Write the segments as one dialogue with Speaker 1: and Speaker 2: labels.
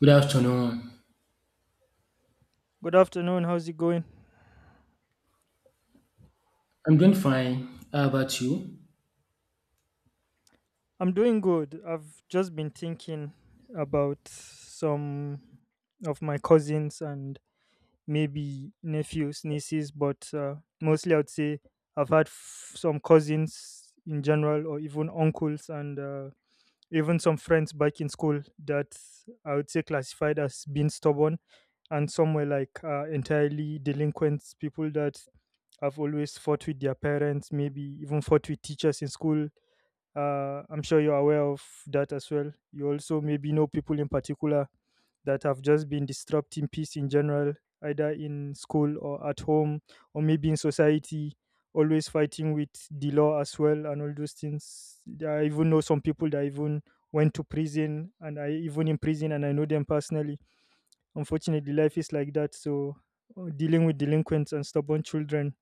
Speaker 1: Good afternoon.
Speaker 2: Good afternoon. How's it going?
Speaker 1: I'm doing fine. How about you?
Speaker 2: I'm doing good. I've just been thinking about some of my cousins and maybe nephews, nieces, but mostly I'd say I've had some cousins in general, or even uncles, and even some friends back in school that I would say classified as being stubborn, and some were like entirely delinquents, people that have always fought with their parents, maybe even fought with teachers in school. I'm sure you're aware of that as well. You also maybe know people in particular that have just been disrupting peace in general, either in school or at home, or maybe in society, always fighting with the law as well, and all those things. I even know some people that even went to prison, and I even in prison, and I know them personally. Unfortunately, life is like that. So, dealing with delinquents and stubborn children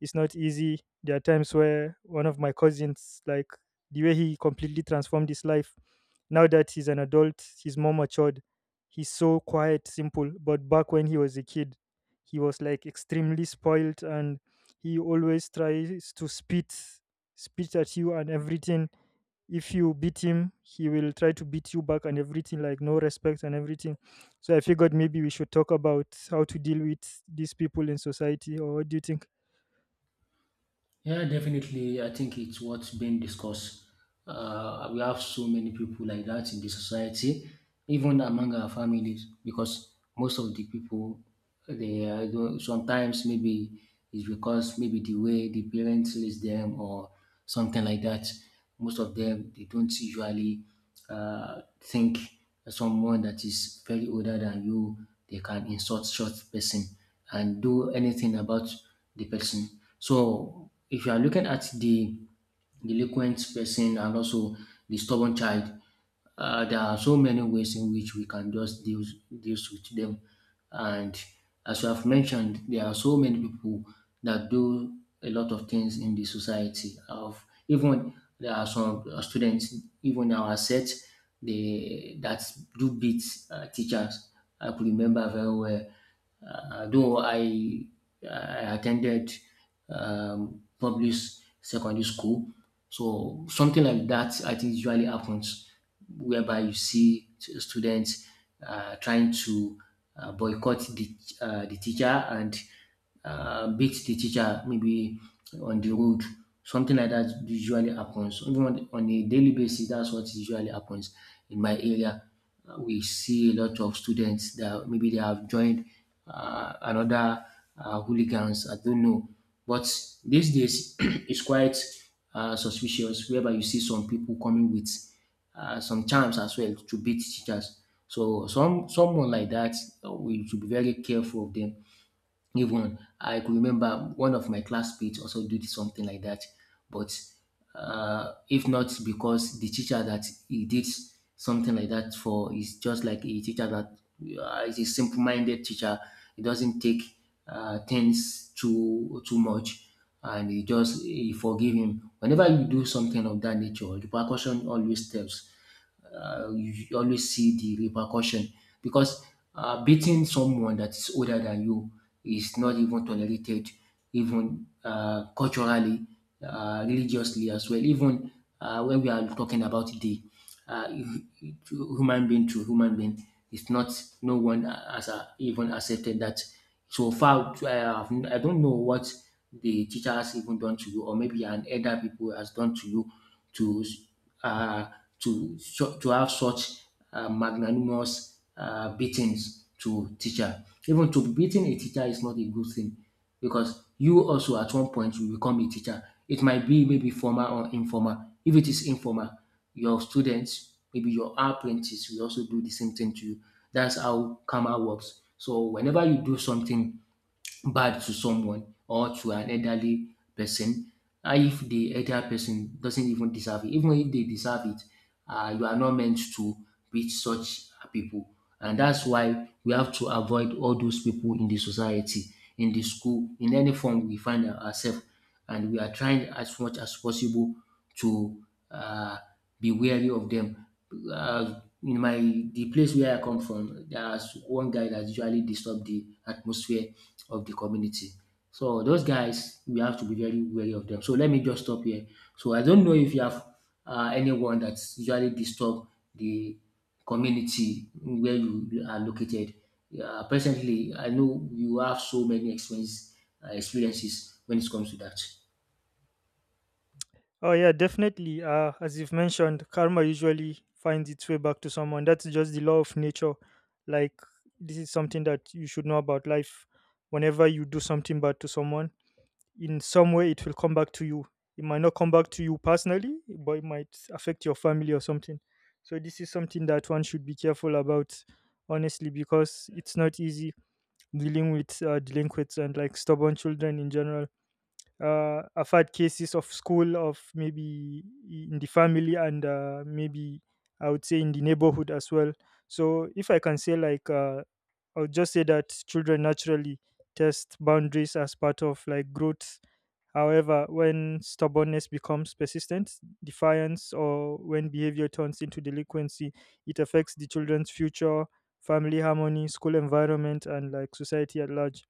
Speaker 2: it's not easy. There are times where one of my cousins, like the way he completely transformed his life, now that he's an adult, he's more matured. He's so quiet, simple. But back when he was a kid, he was like extremely spoiled and he always tries to spit at you and everything. If you beat him, he will try to beat you back and everything, like no respect and everything. So I figured maybe we should talk about how to deal with these people in society, or what do you think?
Speaker 1: Yeah, definitely. I think it's what's being discussed. We have so many people like that in the society, even among our families, because most of the people, they are sometimes maybe it's because maybe the way the parents raise them or something like that. Most of them, they don't usually think someone that is very older than you, they can insult such person and do anything about the person. So if you are looking at the delinquent person and also the stubborn child, there are so many ways in which we can just deal with them, and as you have mentioned, there are so many people that do a lot of things in the society. Of even there are some students, even our set, they that do beat teachers. I could remember very well. Though I attended public secondary school, so something like that, I think, usually happens, whereby you see students trying to boycott the teacher and beat the teacher maybe on the road. Something like that usually happens. Even on a daily basis, that's what usually happens in my area we see a lot of students that maybe they have joined another hooligans. I don't know, but these days it's quite suspicious. Whereby you see some people coming with some charms as well to beat teachers. So someone like that, we should be very careful of them. Even I could remember one of my classmates also did something like that, but if not because the teacher that he did something like that for is just like a teacher that is a simple-minded teacher it doesn't take things too much, and you just you forgive him. Whenever you do something of that nature, the repercussion always tells. You always see the repercussion because beating someone that is older than you is not even tolerated, even culturally, religiously as well. Even when we are talking about the uh, hu- human being to human being. It's not no one has even accepted that. So far, I, have, I don't know what the teacher has even done to you, or maybe an elder people has done to you to uh, to have such magnanimous beatings to teacher. Even to beating a teacher is not a good thing because you also at one point will become a teacher. It might be maybe formal or informal. If it is informal, your students, maybe your apprentice will also do the same thing to you. That's how karma works. So whenever you do something bad to someone or to an elderly person and if the elder person doesn't even deserve it even if they deserve it you are not meant to reach such people and that's why we have to avoid all those people in the society in the school in any form we find ourselves and we are trying as much as possible to uh, be wary of them. In my the place where I come from, there's one guy that usually disturb the atmosphere of the community. So those guys, we have to be very wary of them. So let me just stop here. So I don't know if you have anyone that's usually disturb the community where you are located. Presently, I know you have so many experiences when it comes to that.
Speaker 2: Oh yeah, definitely. As you've mentioned, karma usually finds its way back to someone. That's just the law of nature. Like this is something that you should know about life. Whenever you do something bad to someone, in some way it will come back to you. It might not come back to you personally, but it might affect your family or something. So this is something that one should be careful about, honestly, because it's not easy. Dealing with delinquents and like stubborn children in general. I've had cases of school of maybe in the family and maybe I would say in the neighborhood as well. So if I can say like I would just say that children naturally test boundaries as part of like growth. However, when stubbornness becomes persistent, defiance, or when behavior turns into delinquency, it affects the children's future, family harmony, school environment, and like society at large.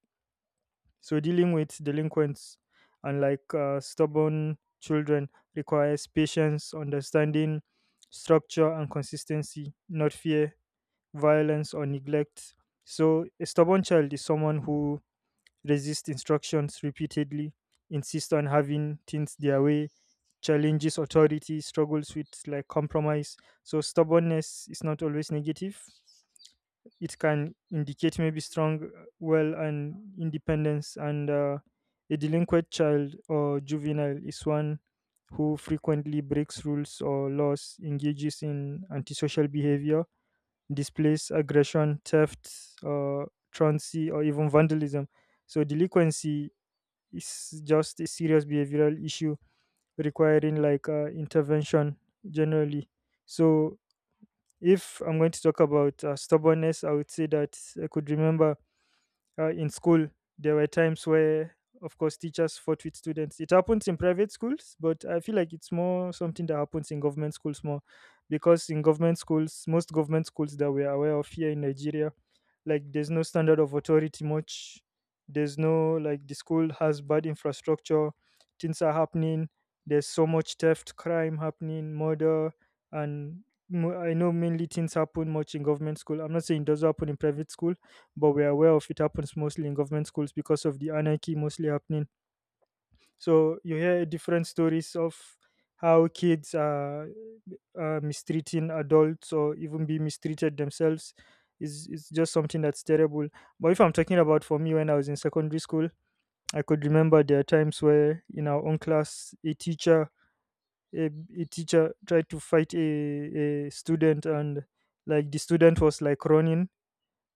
Speaker 2: So, dealing with delinquents and like stubborn children requires patience, understanding, structure, and consistency, not fear, violence, or neglect. So, a stubborn child is someone who resist instructions repeatedly, insist on having things their way, challenges authority, struggles with like compromise. So stubbornness is not always negative. It can indicate maybe strong will and independence. And a delinquent child or juvenile is one who frequently breaks rules or laws, engages in antisocial behavior, displays aggression, theft, uh, truancy, or even vandalism. So delinquency is just a serious behavioral issue requiring like intervention generally. So if I'm going to talk about stubbornness, I would say that I could remember in school there were times where of course teachers fought with students. It happens in private schools, but I feel like it's more something that happens in government schools more, because in government schools, most government schools that we're aware of here in Nigeria, like there's no standard of authority much. There's no like the school has bad infrastructure. Things are happening. There's so much theft, crime happening, murder. And I know mainly things happen much in government school. I'm not saying it does happen in private school, but we're aware of it happens mostly in government schools because of the anarchy mostly happening. So you hear different stories of how kids are mistreating adults or even be mistreated themselves. Is It's just something that's terrible. But if I'm talking about for me when I was in secondary school, I could remember there are times where in our own class a, a teacher tried to fight a student, and like the student was like running,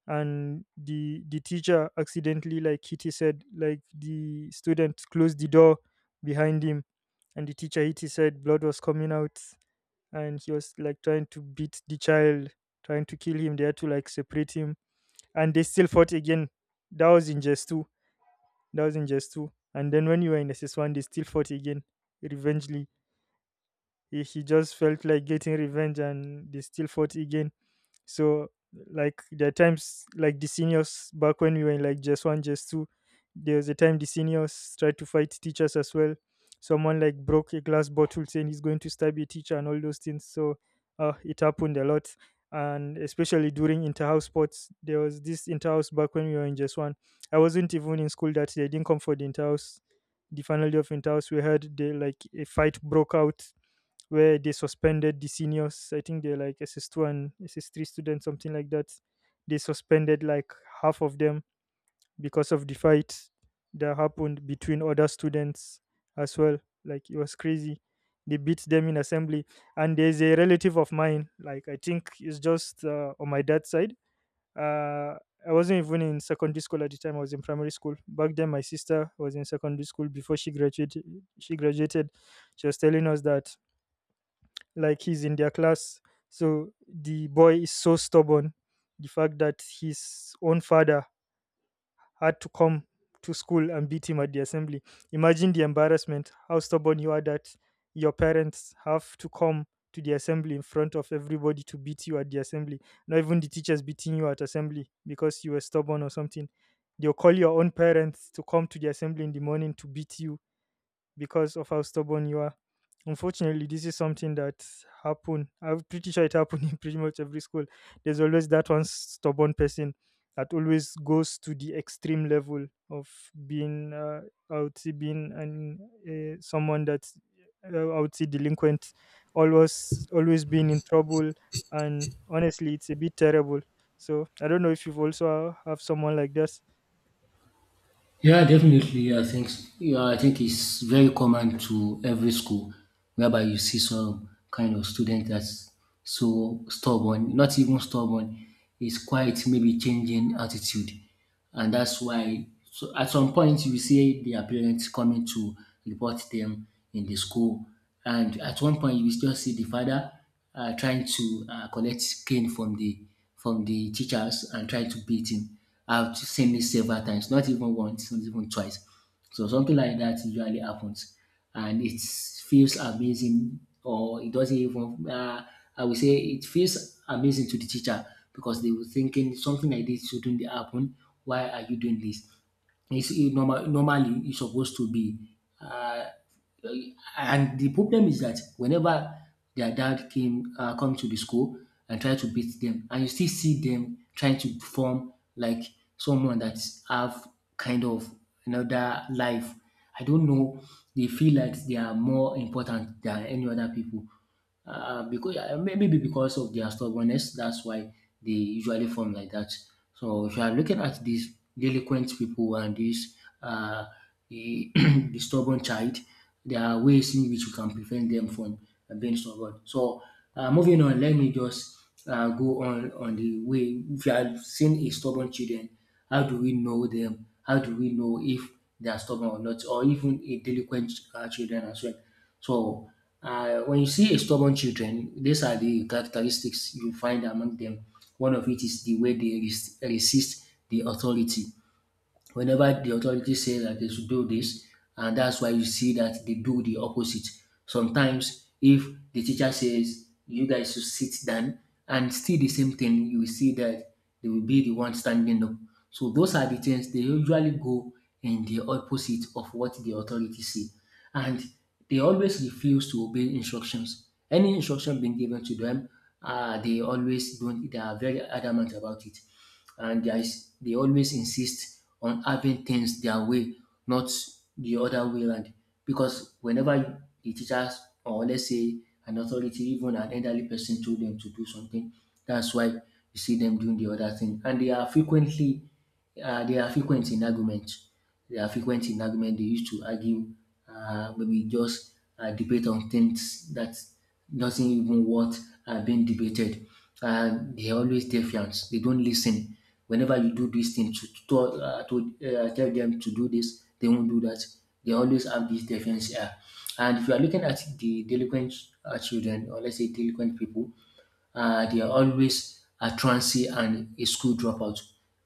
Speaker 2: and the teacher accidentally like Kitty said like the student closed the door behind him, and the teacher Kitty said blood was coming out, and he was like trying to beat the child, trying to kill him. They had to like separate him, and they still fought again. That was in just 2. That was in just 2, and then when you were in SS1 they still fought again revengely. He just felt like getting revenge, and they still fought again. So like there are times like the seniors back when we were in like just one, just two, there was a time the seniors tried to fight teachers as well. Someone like broke a glass bottle saying he's going to stab a teacher and all those things. So it happened a lot. And especially during inter-house sports, there was this inter-house back when we were in just one. I wasn't even in school that day. I didn't come for the inter-house. The final day of inter-house, we heard they, like a fight broke out where they suspended the seniors. I think they're like S. S. 2 and S. S. 3 students, something like that. They suspended like half of them because of the fight that happened between other students as well. Like it was crazy. They beat them in assembly. And there's a relative of mine, like I think it's just on my dad's side. Uh, I wasn't even in secondary school at the time. I was in primary school. Back then, my sister was in secondary school before she graduated. She graduated. She was telling us that like he's in their class. So the boy is so stubborn. The fact that his own father had to come to school and beat him at the assembly. Imagine the embarrassment, how stubborn you are that your parents have to come to the assembly in front of everybody to beat you at the assembly. Not even the teachers beating you at assembly because you were stubborn or something. They'll call your own parents to come to the assembly in the morning to beat you because of how stubborn you are. Unfortunately, this is something that happened. I'm pretty sure it happened in pretty much every school. There's always that one stubborn person that always goes to the extreme level of being, I would say, being someone that's, I would say, delinquent, always, always being in trouble. And honestly, it's a bit terrible. So I don't know if you've also have someone like this.
Speaker 1: Yeah, definitely. I think it's very common to every school, whereby you see some kind of student that's so stubborn, not even stubborn, is quite maybe changing attitude, and that's why so at some point you see their parents coming to report them in the school, and at one point you will just see the father trying to collect cane from the teachers and trying to beat him. I've seen this several times, not even once, not even twice. So something like that usually happens, and it feels amazing, or it doesn't even. I would say it feels amazing to the teacher because they were thinking something like this shouldn't happen. Why are you doing this? It's it normally it's supposed to be uh, uh, and the problem is that whenever their dad came come to the school and try to beat them, and you still see them trying to form like someone that have kind of another life. I don't know. They feel like they are more important than any other people because maybe because of their stubbornness, that's why they usually form like that. So if you are looking at these delinquent people and this uh, the, the stubborn child, there are ways in which you can prevent them from being stubborn. So moving on, let me just go on the way. If you are seeing a stubborn children, how do we know them? How do we know if they are stubborn or not, or even a delinquent children as well? So, when you see a stubborn children, these are the characteristics you find among them. One of it is the way they resist the authority. Whenever the authority say that they should do this, and that's why you see that they do the opposite. Sometimes, if the teacher says you guys should sit down and still the same thing, you will see that they will be the one standing up. So those are the things they usually go in the opposite of what the authority say and they always refuse to obey instructions. Any instruction being given to them, they always don't. They are very adamant about it, and there is, they always insist on having things their way, not the other way around. Because whenever the teachers or let's say an authority, even an elderly person, told them to do something, that's why you see them doing the other thing, and they are frequent in argument. They are frequent in argument. They used to argue, maybe just debate on things that doesn't even worth being debated. They are always defiant. They don't listen. Whenever you do this thing to tell them to do this, they won't do that. They always have this defiance. And if you are looking at the delinquent children, or let's say delinquent people, they are always a truancy and a school dropout.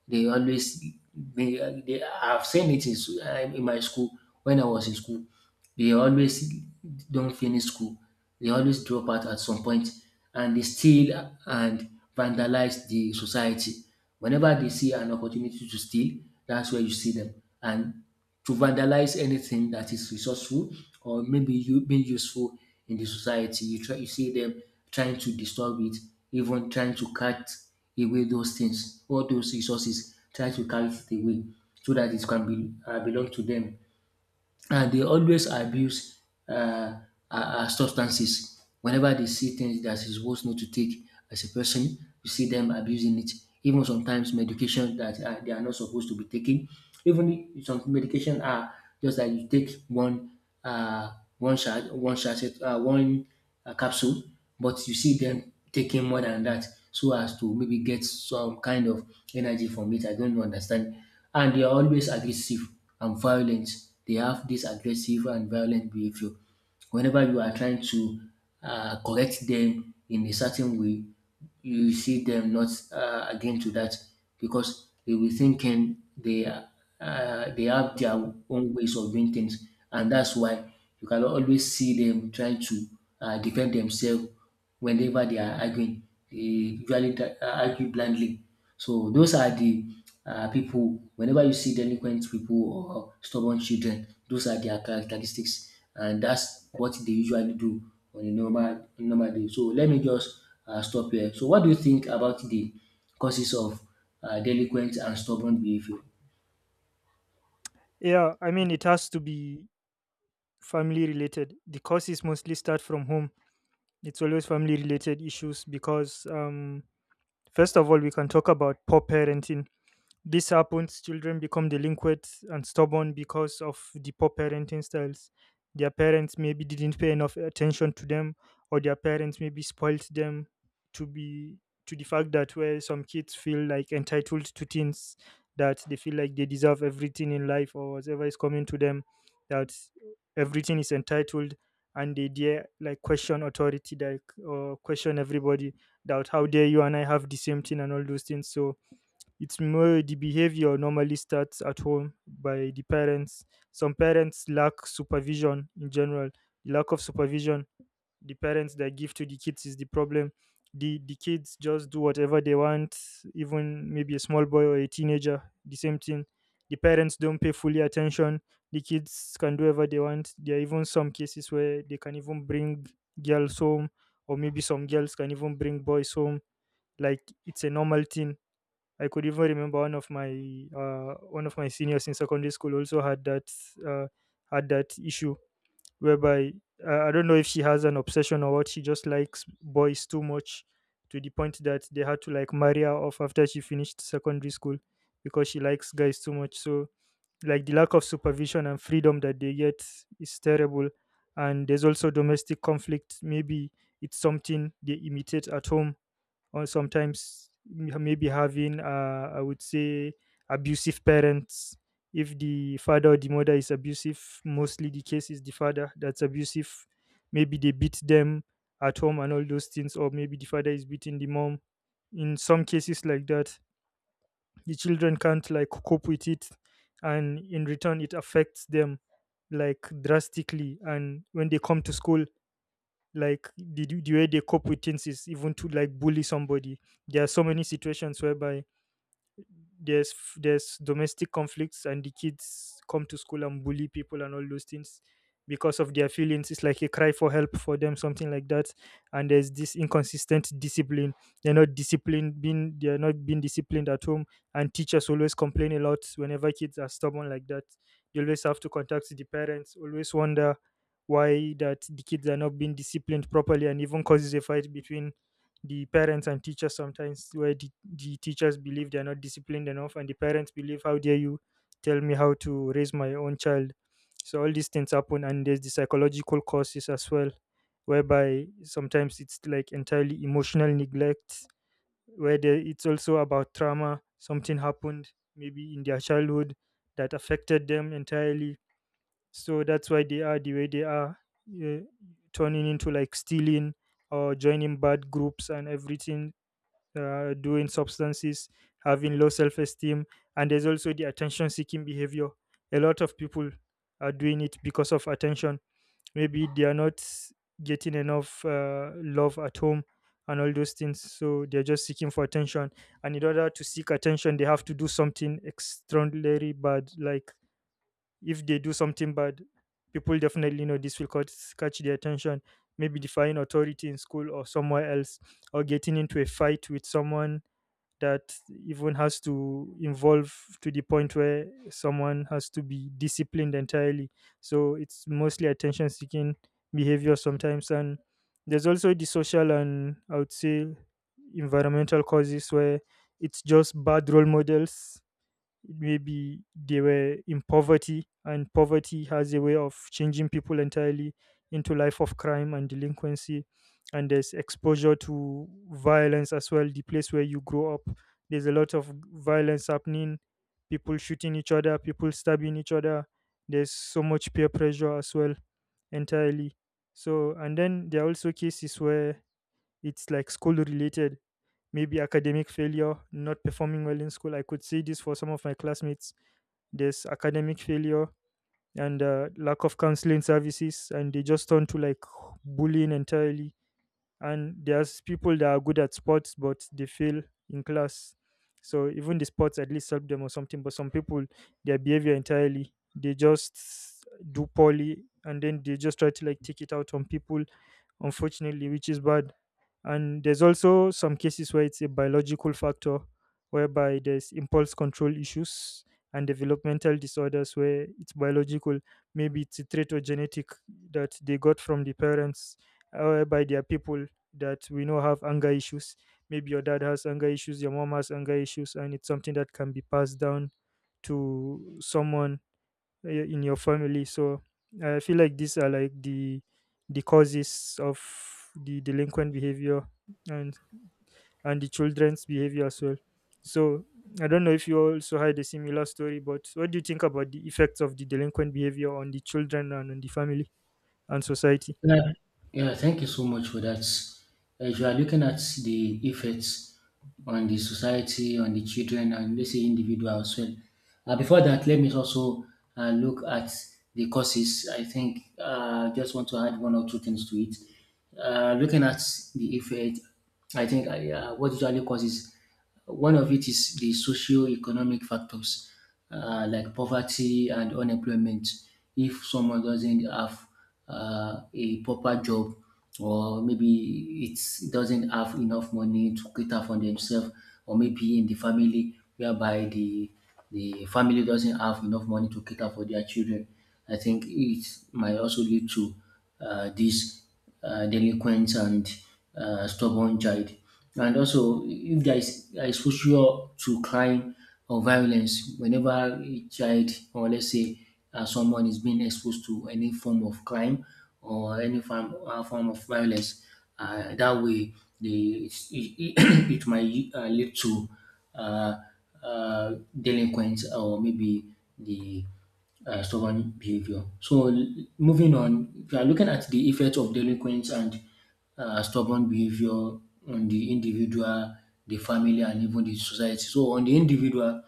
Speaker 1: They always they I've seen it in my school when I was in school. They always don't finish school. They always drop out at some point and they steal and vandalize the society. Whenever they see an opportunity to steal, that's where you see them. And to vandalize anything that is resourceful or maybe you being useful in the society. You see them trying to disturb it, even trying to cut away those things, all those resources, trying to cut it away so that it can be belong to them they always abuse uh, uh, substances. Whenever they see things that is supposed not to take as a person, you see them abusing it. Even sometimes medication that they are not supposed to be taking. Even if some medication are just that you take one a capsule, but you see them taking more than that so as to maybe get some kind of energy from it. I don't understand. And they are always aggressive and violent. They have this aggressive and violent behavior. Whenever you are trying to correct them in a certain way, you see them not again to that because they will thinking they are they have their own ways of doing things, and that's why you can always see them trying to defend themselves whenever they are arguing. They usually argue blindly. So those are the people, whenever you see delinquent people or stubborn children, those are their characteristics, and that's what they usually do on a normal day. So let me just stop here. So what do you think about the causes of delinquent and stubborn behavior?
Speaker 2: Yeah, I mean, it has to be family related. The courses mostly start from home. It's always family related issues because, first of all, we can talk about poor parenting this happens, children become delinquent and stubborn because of the poor parenting styles. Their parents maybe didn't pay enough attention to them, or their parents maybe spoilt them to be to the fact that where some kids feel like entitled to things that they feel like they deserve everything in life or whatever is coming to them, that everything is entitled and they dare like question authority like or question everybody that how dare you and I have the same thing and all those things. So it's more the behavior normally starts at home by the parents. Some parents lack supervision in general. The lack of supervision the parents that give to the kids is the problem. The kids just do whatever they want, even maybe a small boy or a teenager, the same thing. The parents don't pay fully attention. The kids can do whatever they want. There are even some cases where they can even bring girls home, or maybe some girls can even bring boys home. Like it's a normal thing. I could even remember one of my seniors in secondary school also had that uh, issue whereby I don't know if she has an obsession or what she just likes boys too much to the point that they had to like marry her off after she finished secondary school because she likes guys too much. So like the lack of supervision and freedom that they get is terrible. And there's also domestic conflict. Maybe it's something they imitate at home, or sometimes maybe having, I would say, abusive parents. If the father or the mother is abusive, mostly the case is the father that's abusive. Maybe they beat them at home and all those things, or maybe the father is beating the mom. In some cases like that, the children can't like cope with it, and in return it affects them, like drastically. And when they come to school, like the way they cope with things is even to like bully somebody. There are so many situations whereby there's domestic conflicts and the kids come to school and bully people and all those things, because of their feelings. It's like a cry for help for them, something like that. And there's this inconsistent discipline. They're not disciplined being they're not being disciplined at home, and teachers always complain a lot whenever kids are stubborn like that. You always have to contact the parents, always wonder why that the kids are not being disciplined properly, and even causes a fight between the parents and teachers sometimes, where the teachers believe they're not disciplined enough and the parents believe, how dare you tell me how to raise my own child. So all these things happen, and there's the psychological causes as well, whereby sometimes it's like entirely emotional neglect, where it's also about trauma. Something happened maybe in their childhood that affected them entirely, so that's why they are the way they are. uh, Turning into like stealing or joining bad groups and everything, doing substances, having low self esteem, and there's also the attention seeking behavior. A lot of people are doing it because of attention. Maybe they are not getting enough love at home and all those things, so they're just seeking for attention. And in order to seek attention, they have to do something extraordinary bad. Like if they do something bad, people definitely know this will catch their attention. Maybe defying authority in school or somewhere else, or getting into a fight with someone that even has to involve to the point where someone has to be disciplined entirely. So it's mostly attention seeking behavior sometimes. And there's also the social and, I would say, environmental causes, where it's just bad role models. Maybe they were in poverty, and poverty has a way of changing people entirely into life of crime and delinquency. And there's exposure to violence as well. The place where you grow up, there's a lot of violence happening, people shooting each other, people stabbing each other. There's so much peer pressure as well, entirely. So, and then there are also cases where it's like school related. Maybe academic failure, not performing well in school. I could see this for some of my classmates. There's academic failure and lack of counseling services, and they just turn to like bullying entirely. And there's people that are good at sports but they fail in class. So even the sports at least help them or something, but some people, their behavior entirely, they just do poorly, and then they just try to like take it out on people, unfortunately, which is bad. And there's also some cases where it's a biological factor, whereby there's impulse control issues and developmental disorders, where it's biological. Maybe it's a trait or genetic that they got from the parents, whereby there are people that we know have anger issues. Maybe your dad has anger issues, your mom has anger issues, and it's something that can be passed down to someone, in your family. So I feel like these are like the causes of the delinquent behavior, and and the children's behavior as well. So I don't know if you also had a similar story, but what do you think about the effects of the delinquent behavior on the children and on the family and society?
Speaker 1: Yeah, yeah, thank you so much for that. If you are looking at the effects on the society, on the children, and let's say individual as well. Before that, let me also look at the causes. I think I just want to add one or two things to it. Looking at the effect, I think what usually causes one of it is the socio-economic factors like poverty and unemployment. If someone doesn't have a proper job, or maybe it doesn't have enough money to cater for themselves, or maybe in the family whereby the family doesn't have enough money to cater for their children, I think it might also lead to this delinquent and stubborn child. And also, if there is exposure to crime or violence, whenever a child or let's say someone is being exposed to any form of crime or any form of violence, that way the, it, it, it might lead to uh, uh, delinquents or maybe the stubborn behavior. Moving on, we are looking at the effects of delinquents and stubborn behavior on the individual, the family, and even the society. So, on the individual,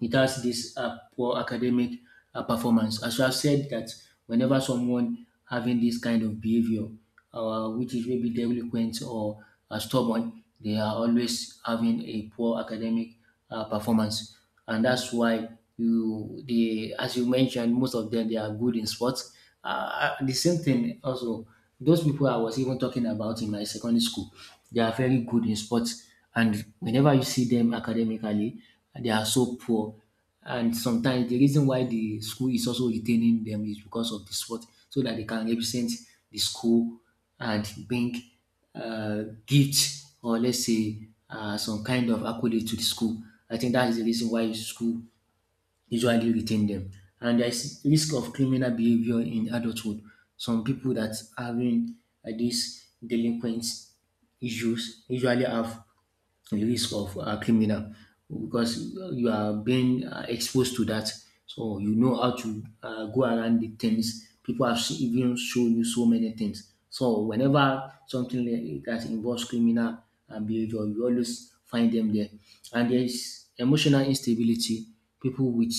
Speaker 1: it has this poor academic performance. As you have said that whenever someone having this kind of behavior, which is maybe delinquent or stubborn, they are always having a poor academic performance, and that's why you they as you mentioned, most of them they are good in sports. The same thing also, those people I was even talking about in my secondary school, they are very good in sports, and whenever you see them academically, they are so poor. And sometimes the reason why the school is also retaining them is because of the sport, so that they can represent the school and bring gifts, or let's say some kind of accolade to the school. I think that is the reason why school usually retain them. And there's risk of criminal behavior in adulthood. Some people that having these delinquent issues usually have the risk of criminal, because you are being exposed to that. So you know how to go around the things. People have even shown you so many things. So whenever something like that involves criminal behavior, you always find them there. And there is emotional instability. People with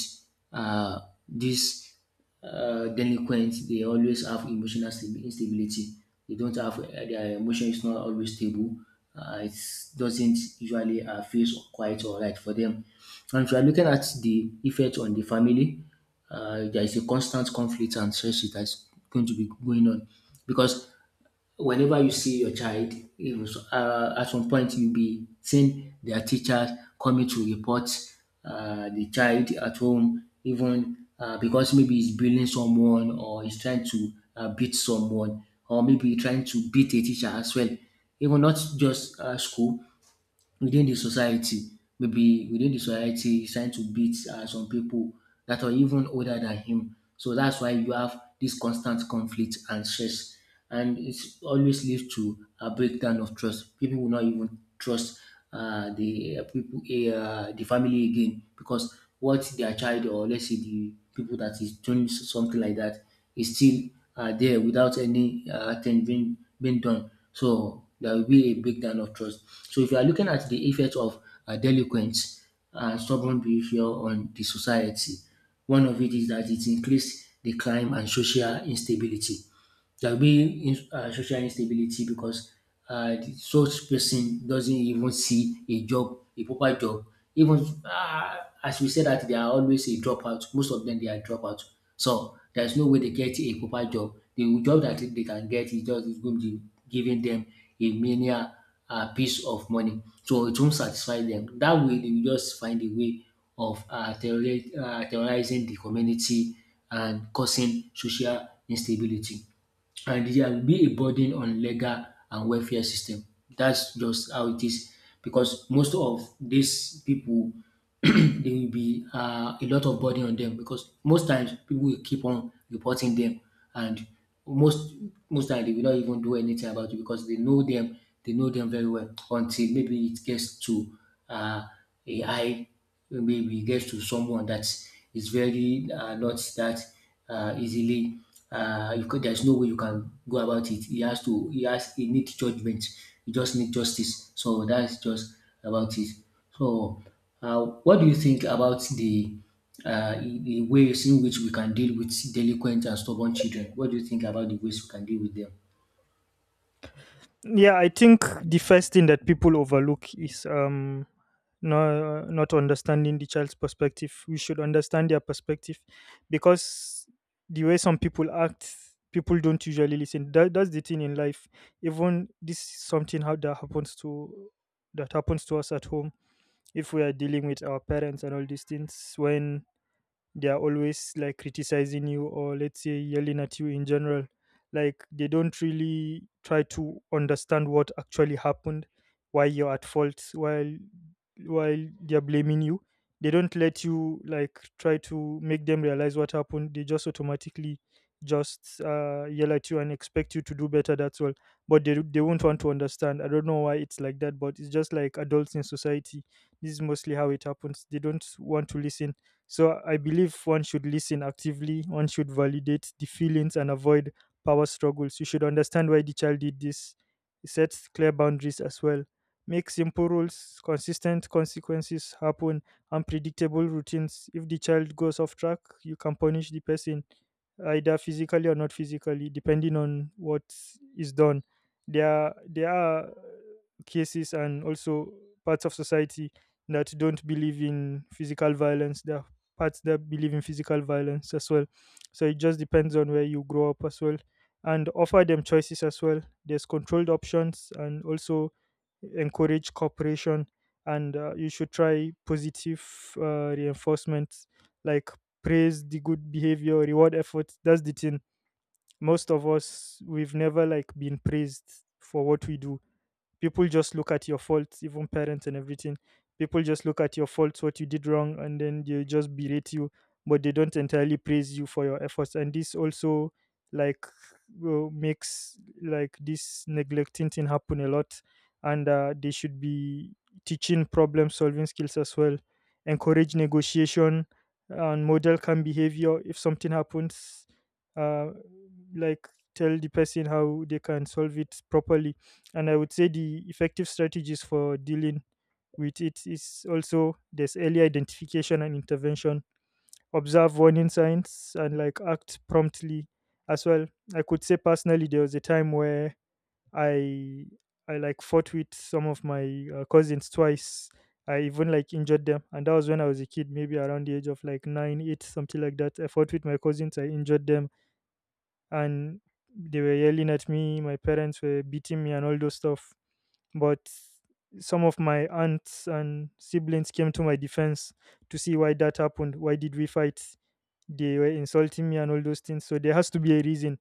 Speaker 1: uh, this delinquents, they always have emotional instability. They don't have their emotion is not always stable. It doesn't usually feel quite alright for them. And if you are looking at the effect on the family, there is a constant conflict and stress that is going to be going on, because whenever you see your child, you know, at some point you'll be seeing their teachers coming to report the child at home, even because maybe he's bullying someone, or he's trying to beat someone, or maybe trying to beat a teacher as well. Even not just school, within the society. Maybe within the society, he's trying to beat some people that are even older than him. So that's why you have this constant conflict and stress. And it always leads to a breakdown of trust. People will not even trust the people, the family again, because what their child, or let's say the people that is doing something like that, is still there without any thing being done. So there will be a breakdown of trust. So if you are looking at the effect of delinquents and stubborn behavior on the society, one of it is that it increased the crime and social instability. There will be social instability, because the such person doesn't even see a job, a proper job. Even uh, as we said that they are always a dropout. Most of them they are dropout. So there's no way they get a proper job. The job that they can get is just is going to be giving them a menial piece of money. So it won't satisfy them. That way they will just find a way of terrorizing the community and causing social instability, and it will be a burden on legal and welfare system. That's just how it is, because most of these people there will be a lot of burden on them, because most times people will keep on reporting them, and most most times they will not even do anything about it because they know them, they know them very well, until maybe it gets to uh, a high, maybe we get to someone that is very not that easily. You could, there's no way you can go about it. He has to. He has. He needs judgment. He just needs justice. So that's just about it. So, what do you think about the ways in which we can deal with delinquent and stubborn children? What do you think about the ways we can deal with them?
Speaker 2: Yeah, I think the first thing that people overlook is no, not understanding the child's perspective. We should understand their perspective, because the way some people act, people don't usually listen. That's the thing in life. Even this is something how that happens to us at home. If we are dealing with our parents and all these things, when they are always like criticizing you, or let's say yelling at you in general, like they don't really try to understand what actually happened, why you're at fault. While they're blaming you, they don't let you like try to make them realize what happened. They just automatically just yell at you and expect you to do better, that's all. But they won't want to understand. I don't know why it's like that, but it's just like adults in society, this is mostly how it happens. They don't want to listen. So I believe one should listen actively, one should validate the feelings and avoid power struggles. You should understand why the child did this, set clear boundaries as well. Make simple rules, consistent consequences happen, unpredictable routines. If the child goes off track, you can punish the person either physically or not physically, depending on what is done. There are cases, and also parts of society that don't believe in physical violence. There are parts that believe in physical violence as well. So it just depends on where you grow up as well. And offer them choices as well. There's controlled options, and also encourage cooperation. And you should try positive, reinforcements, like praise the good behavior, reward efforts. That's the thing. Most of us, we've never like been praised for what we do. People just look at your faults, even parents and everything. People just look at your faults, what you did wrong, and then they just berate you, but they don't entirely praise you for your efforts, and this also like will- makes like this neglecting thing happen a lot. And they should be teaching problem solving skills as well, encourage negotiation, and model calm behavior. If something happens, uh, like tell the person how they can solve it properly. And I would say the effective strategies for dealing with it is also, there's early identification and intervention, observe warning signs and like act promptly as well. I could say personally there was a time where i I like fought with some of my cousins twice. I even like injured them, and that was when I was a kid, maybe around the age of like 9 8, something like that. I fought with my cousins, I injured them, and they were yelling at me, my parents were beating me and all those stuff. But some of my aunts and siblings came to my defense, to see why that happened, why did we fight. They were insulting me and all those things, so there has to be a reason.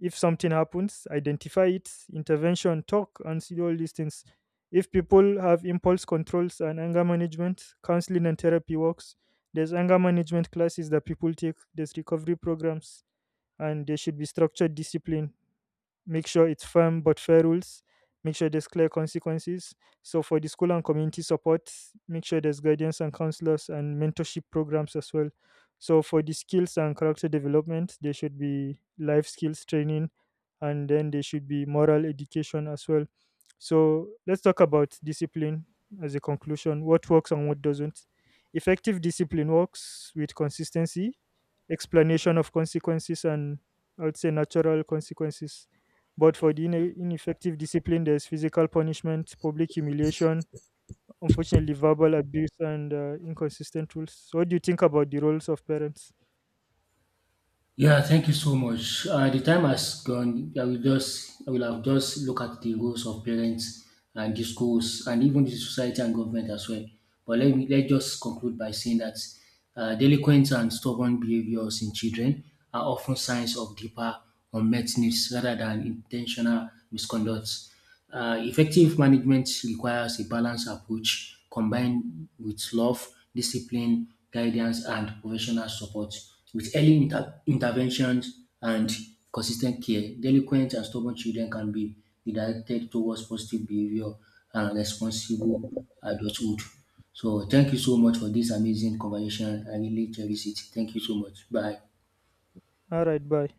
Speaker 2: If something happens, identify it, intervention, talk and see all these things. If people have impulse controls and anger management, counseling and therapy works. There's anger management classes that people take, there's recovery programs. And there should be structured discipline, make sure it's firm but fair rules, make sure there's clear consequences. So for the school and community support, make sure there's guidance and counselors and mentorship programs as well. So for the skills and character development, there should be life skills training, and then there should be moral education as well. So let's talk about discipline as a conclusion, what works and what doesn't. Effective discipline works with consistency, explanation of consequences, and I would say natural consequences. But for the ineffective discipline, there's physical punishment, public humiliation, unfortunately, verbal abuse, and inconsistent rules. So, what do you think about the roles of parents?
Speaker 1: Yeah, thank you so much. The time has gone. I will have just look at the roles of parents and the schools and even the society and government as well. But let just conclude by saying that delinquent and stubborn behaviors in children are often signs of deeper unmet needs rather than intentional misconduct. Effective management requires a balanced approach combined with love, discipline, guidance, and professional support. With early interventions and consistent care, delinquent and stubborn children can be redirected towards positive behavior and responsible adulthood. So, thank you so much for this amazing conversation. I really cherish it. Thank you so much. Bye.
Speaker 2: All right, bye.